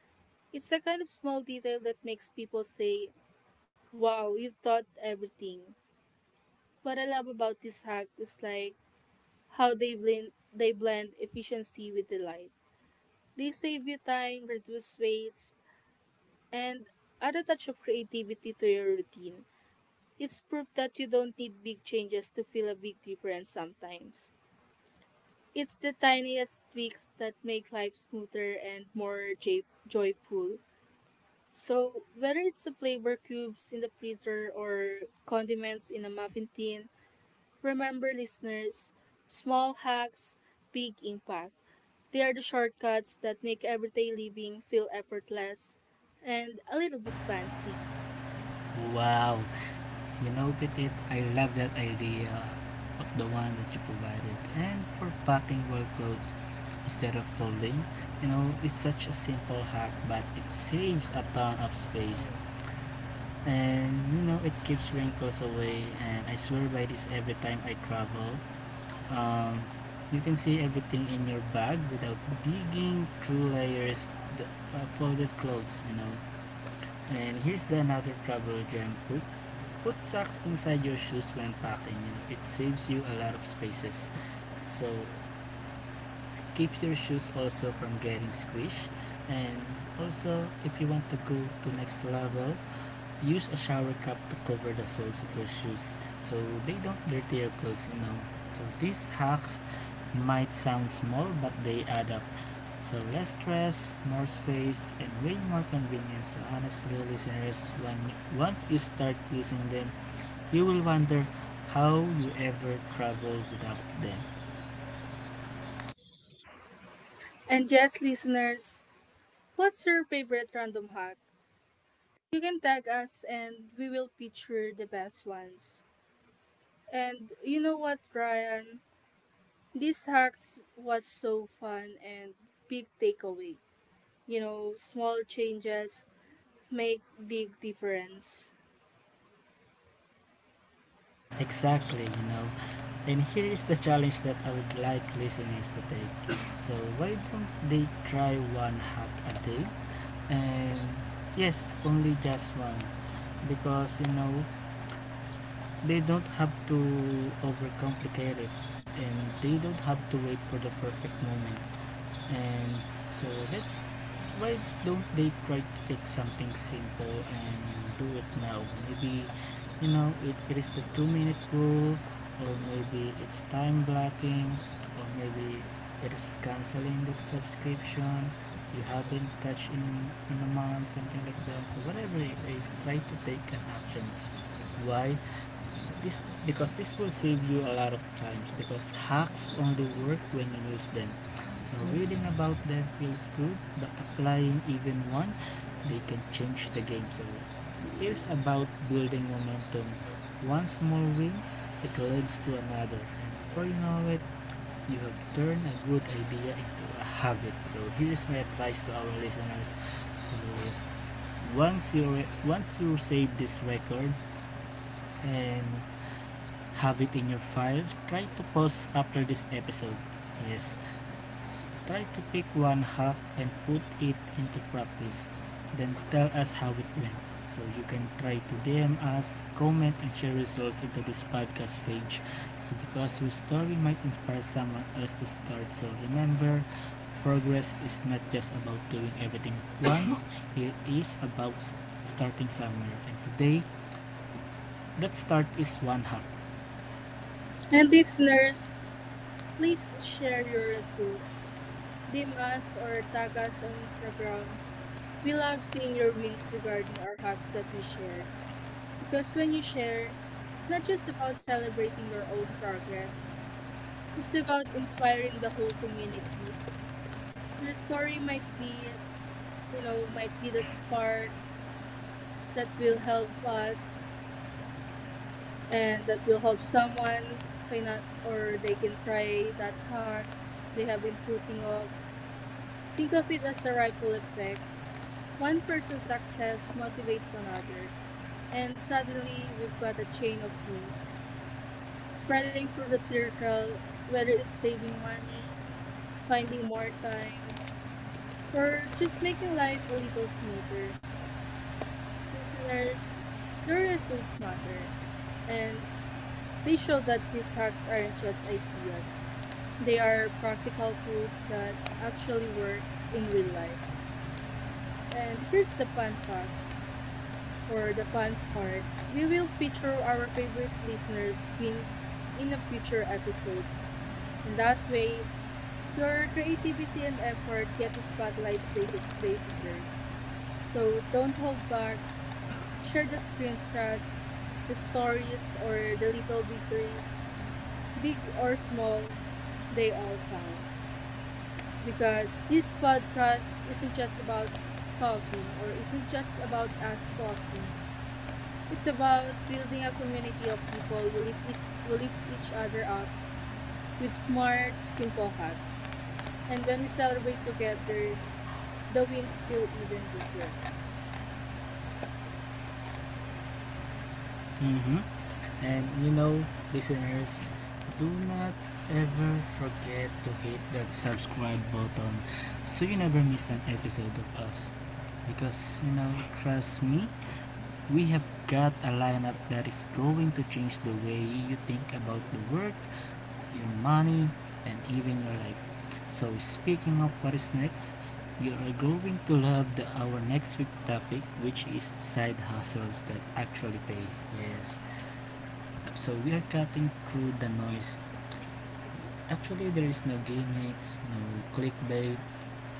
S1: It's the kind of small detail that makes people say, wow, you've thought everything. What I love about this hack is like how they blend efficiency with delight. They save you time, reduce waste, and add a touch of creativity to your routine. It's proof that you don't need big changes to feel a big difference sometimes. It's the tiniest tweaks that make life smoother and more joyful. So, whether it's the flavor cubes in the freezer or condiments in a muffin tin, remember listeners, small hacks, big impact. They are the shortcuts that make everyday living feel effortless and a little bit fancy.
S2: Wow. You know, Petit, I love that idea of the one that you provided. And for packing well clothes instead of folding, you know, it's such a simple hack, but it saves a ton of space. And you know it keeps wrinkles away, and I swear by this every time I travel. um, you can see everything in your bag without digging through layers of folded clothes, you know. And here's the another travel gem: put socks inside your shoes when packing, you know it saves you a lot of spaces. So it keeps your shoes also from getting squished. And also, if you want to go to next level, use a shower cap to cover the soles of your shoes so they don't dirty your clothes, you know. So these hacks might sound small, but they add up. So less stress, more space, and way more convenience. So honestly, listeners, when once you start using them, you will wonder how you ever traveled without them.
S1: And yes, listeners, what's your favorite random hack? You can tag us and we will feature the best ones. And you know what, Ryan? These hacks was so fun and big takeaway. You know, small changes make big difference.
S2: Exactly, you know. And here is the challenge that I would like listeners to take. So why don't they try one hack a day? And yes, only just one. Because you know, they don't have to overcomplicate it, and they don't have to wait for the perfect moment. And so let's, why don't they try to fix something simple and do it now? Maybe, you know, it is the 2 minute rule, or maybe it's time blocking, or maybe it is canceling that subscription you haven't touched in a month, something like that. So, whatever it is, try to take an actions. Why? This because this will save you a lot of times, because hacks only work when you use them. So reading about them feels good, but applying even one, they can change the game. So it is about building momentum. One small win, it leads to another. And before you know it, you have turned a good idea into a habit. So here is my advice to our listeners. So let once you once you save this record and have it in your file, try to pause after this episode. Yes, try to pick one hack and put it into practice. Then tell us how it went. So you can try to DM us, comment, and share results into this podcast page. So because your story might inspire someone else to start. So remember, progress is not just about doing everything at once. It is about starting somewhere. And today, that start is one hack.
S1: And listeners, please share your results, DM us or tag us on Instagram. We love seeing your wins regarding our hacks that we shared. Because when you share, it's not just about celebrating your own progress, it's about inspiring the whole community. Your story might be, you know, might be the spark that will help us and that will help someone find out or they can try that hack they have been putting up. Think of it as a ripple effect. One person's success motivates another, and suddenly we've got a chain of wins spreading through the circle, whether it's saving money, finding more time, or just making life a little smoother. Listeners, your results matter, and they show that these hacks aren't just ideas. They are practical tools that actually work in real life. And here's the fun fact or the fun part, we will feature our favorite listeners' wins in the future episodes. In that way, your creativity and effort get the spotlights they, they deserve. So don't hold back, share the screenshot, the stories, or the little victories, big or small, they all count. Because this podcast isn't just about talking or isn't just about us talking. It's about building a community of people who who lift each other up with smart, simple hacks. And when we celebrate together, the wins feel even bigger.
S2: Mm-hmm. And you know, listeners, do not ever forget to hit that subscribe button so you never miss an episode of us. Because, you know, trust me, we have got a lineup that is going to change the way you think about the world, your money, and even your life. So, speaking of what is next, you are going to love our next week topic, which is side hustles that actually pay. Yes. So we are cutting through the noise. Actually, there is no gimmicks, no clickbait,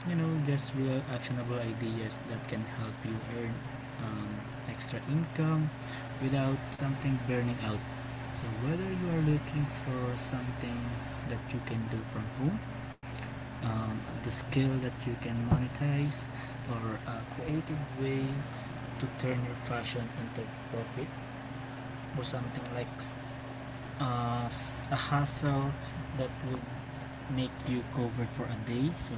S2: you know, just real actionable ideas that can help you earn um, extra income without something burning out. So whether you are looking for something that you can do from home, um, the skill that you can monetize, or a creative way to turn your passion into profit, or something like a hustle that will make you covered for a day. So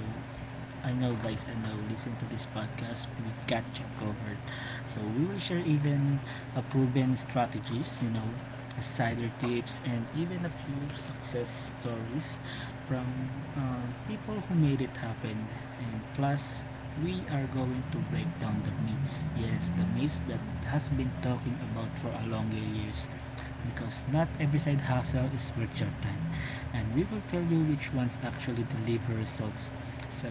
S2: I know guys, I know listen to this podcast, we got you covered. So we will share even a proven strategies, you know, insider tips, and even a few success stories from people who made it happen. And plus, we are going to break down the myths. Yes, the myths that has been talking about for a long years, because not every side hustle is worth your time. And we will tell you which ones actually deliver results. So,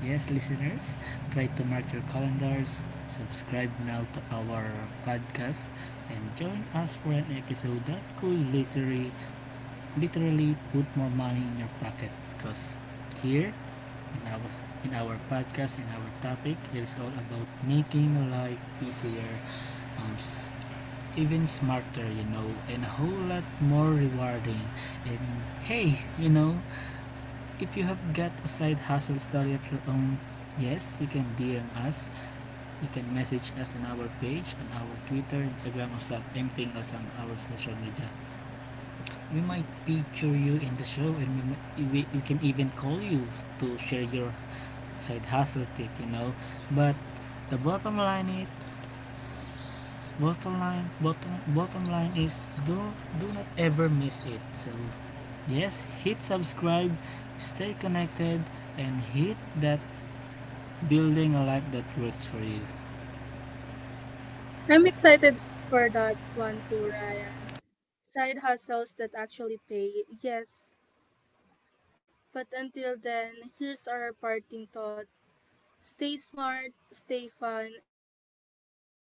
S2: yes, listeners, try to mark your calendars, subscribe now to our podcast, and join us for an episode that could literally, literally put more money in your pocket, because here in our in our podcast in our topic, it is all about making life easier, um, even smarter, you know, and a whole lot more rewarding. And hey, you know, if you have got a side hustle story of your own, yes, you can DM us. You can message us on our page, on our Twitter, Instagram, or some anything else on our social media. We might feature you in the show, and we can even call you to share your side hustle tip, you know. But the bottom line is bottom line bottom bottom line is do not ever miss it. So yes, hit subscribe, stay connected, and hit that building a life that works for you.
S1: I'm excited for that one too, Ryan. Side hustles that actually pay, yes. But until then, here's our parting thought. Stay smart, stay fun, and keep hacking life.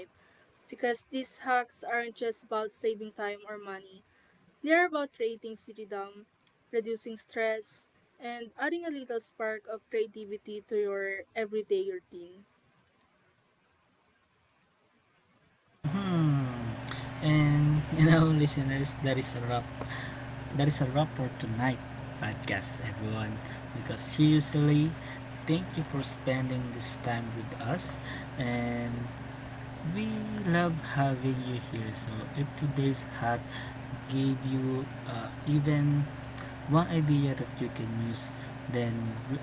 S1: Because these hacks aren't just about saving time or money. They're about creating freedom, reducing stress, and adding a little spark of creativity to your everyday routine.
S2: Hmm. And you know, listeners, that is a wrap. For tonight podcast, everyone, because seriously, thank you for spending this time with us. And we love having you here. So, if today's hack gave you even one idea that you can use, then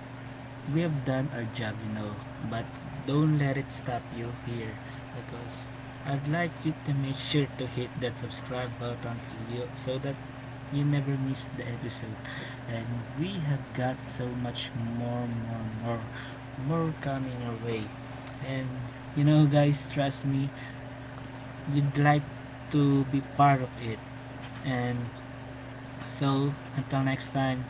S2: we have done our job, you know. But don't let it stop you here, because I'd like you to make sure to hit that subscribe button so, so that you never miss the episode. And we have got so much more coming your way. And you know, guys, trust me, you'd like to be part of it. And so, until next time,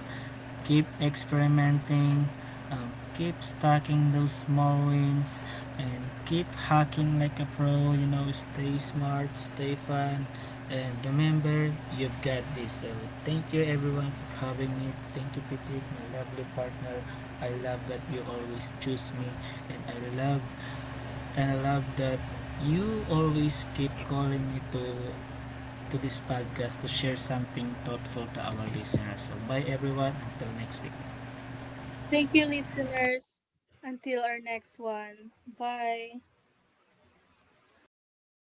S2: keep experimenting, keep stacking those small wins, and keep hacking like a pro. You know, stay smart, stay fun, and remember, you've got this. So, thank you everyone for having me. Thank you, Petit, my lovely partner. I love that you always choose me, and I love and I love that you always keep calling me to this podcast to share something thoughtful to our listeners. So bye everyone. Until next week.
S1: Thank you, listeners. Until our next one. Bye.
S2: Bye.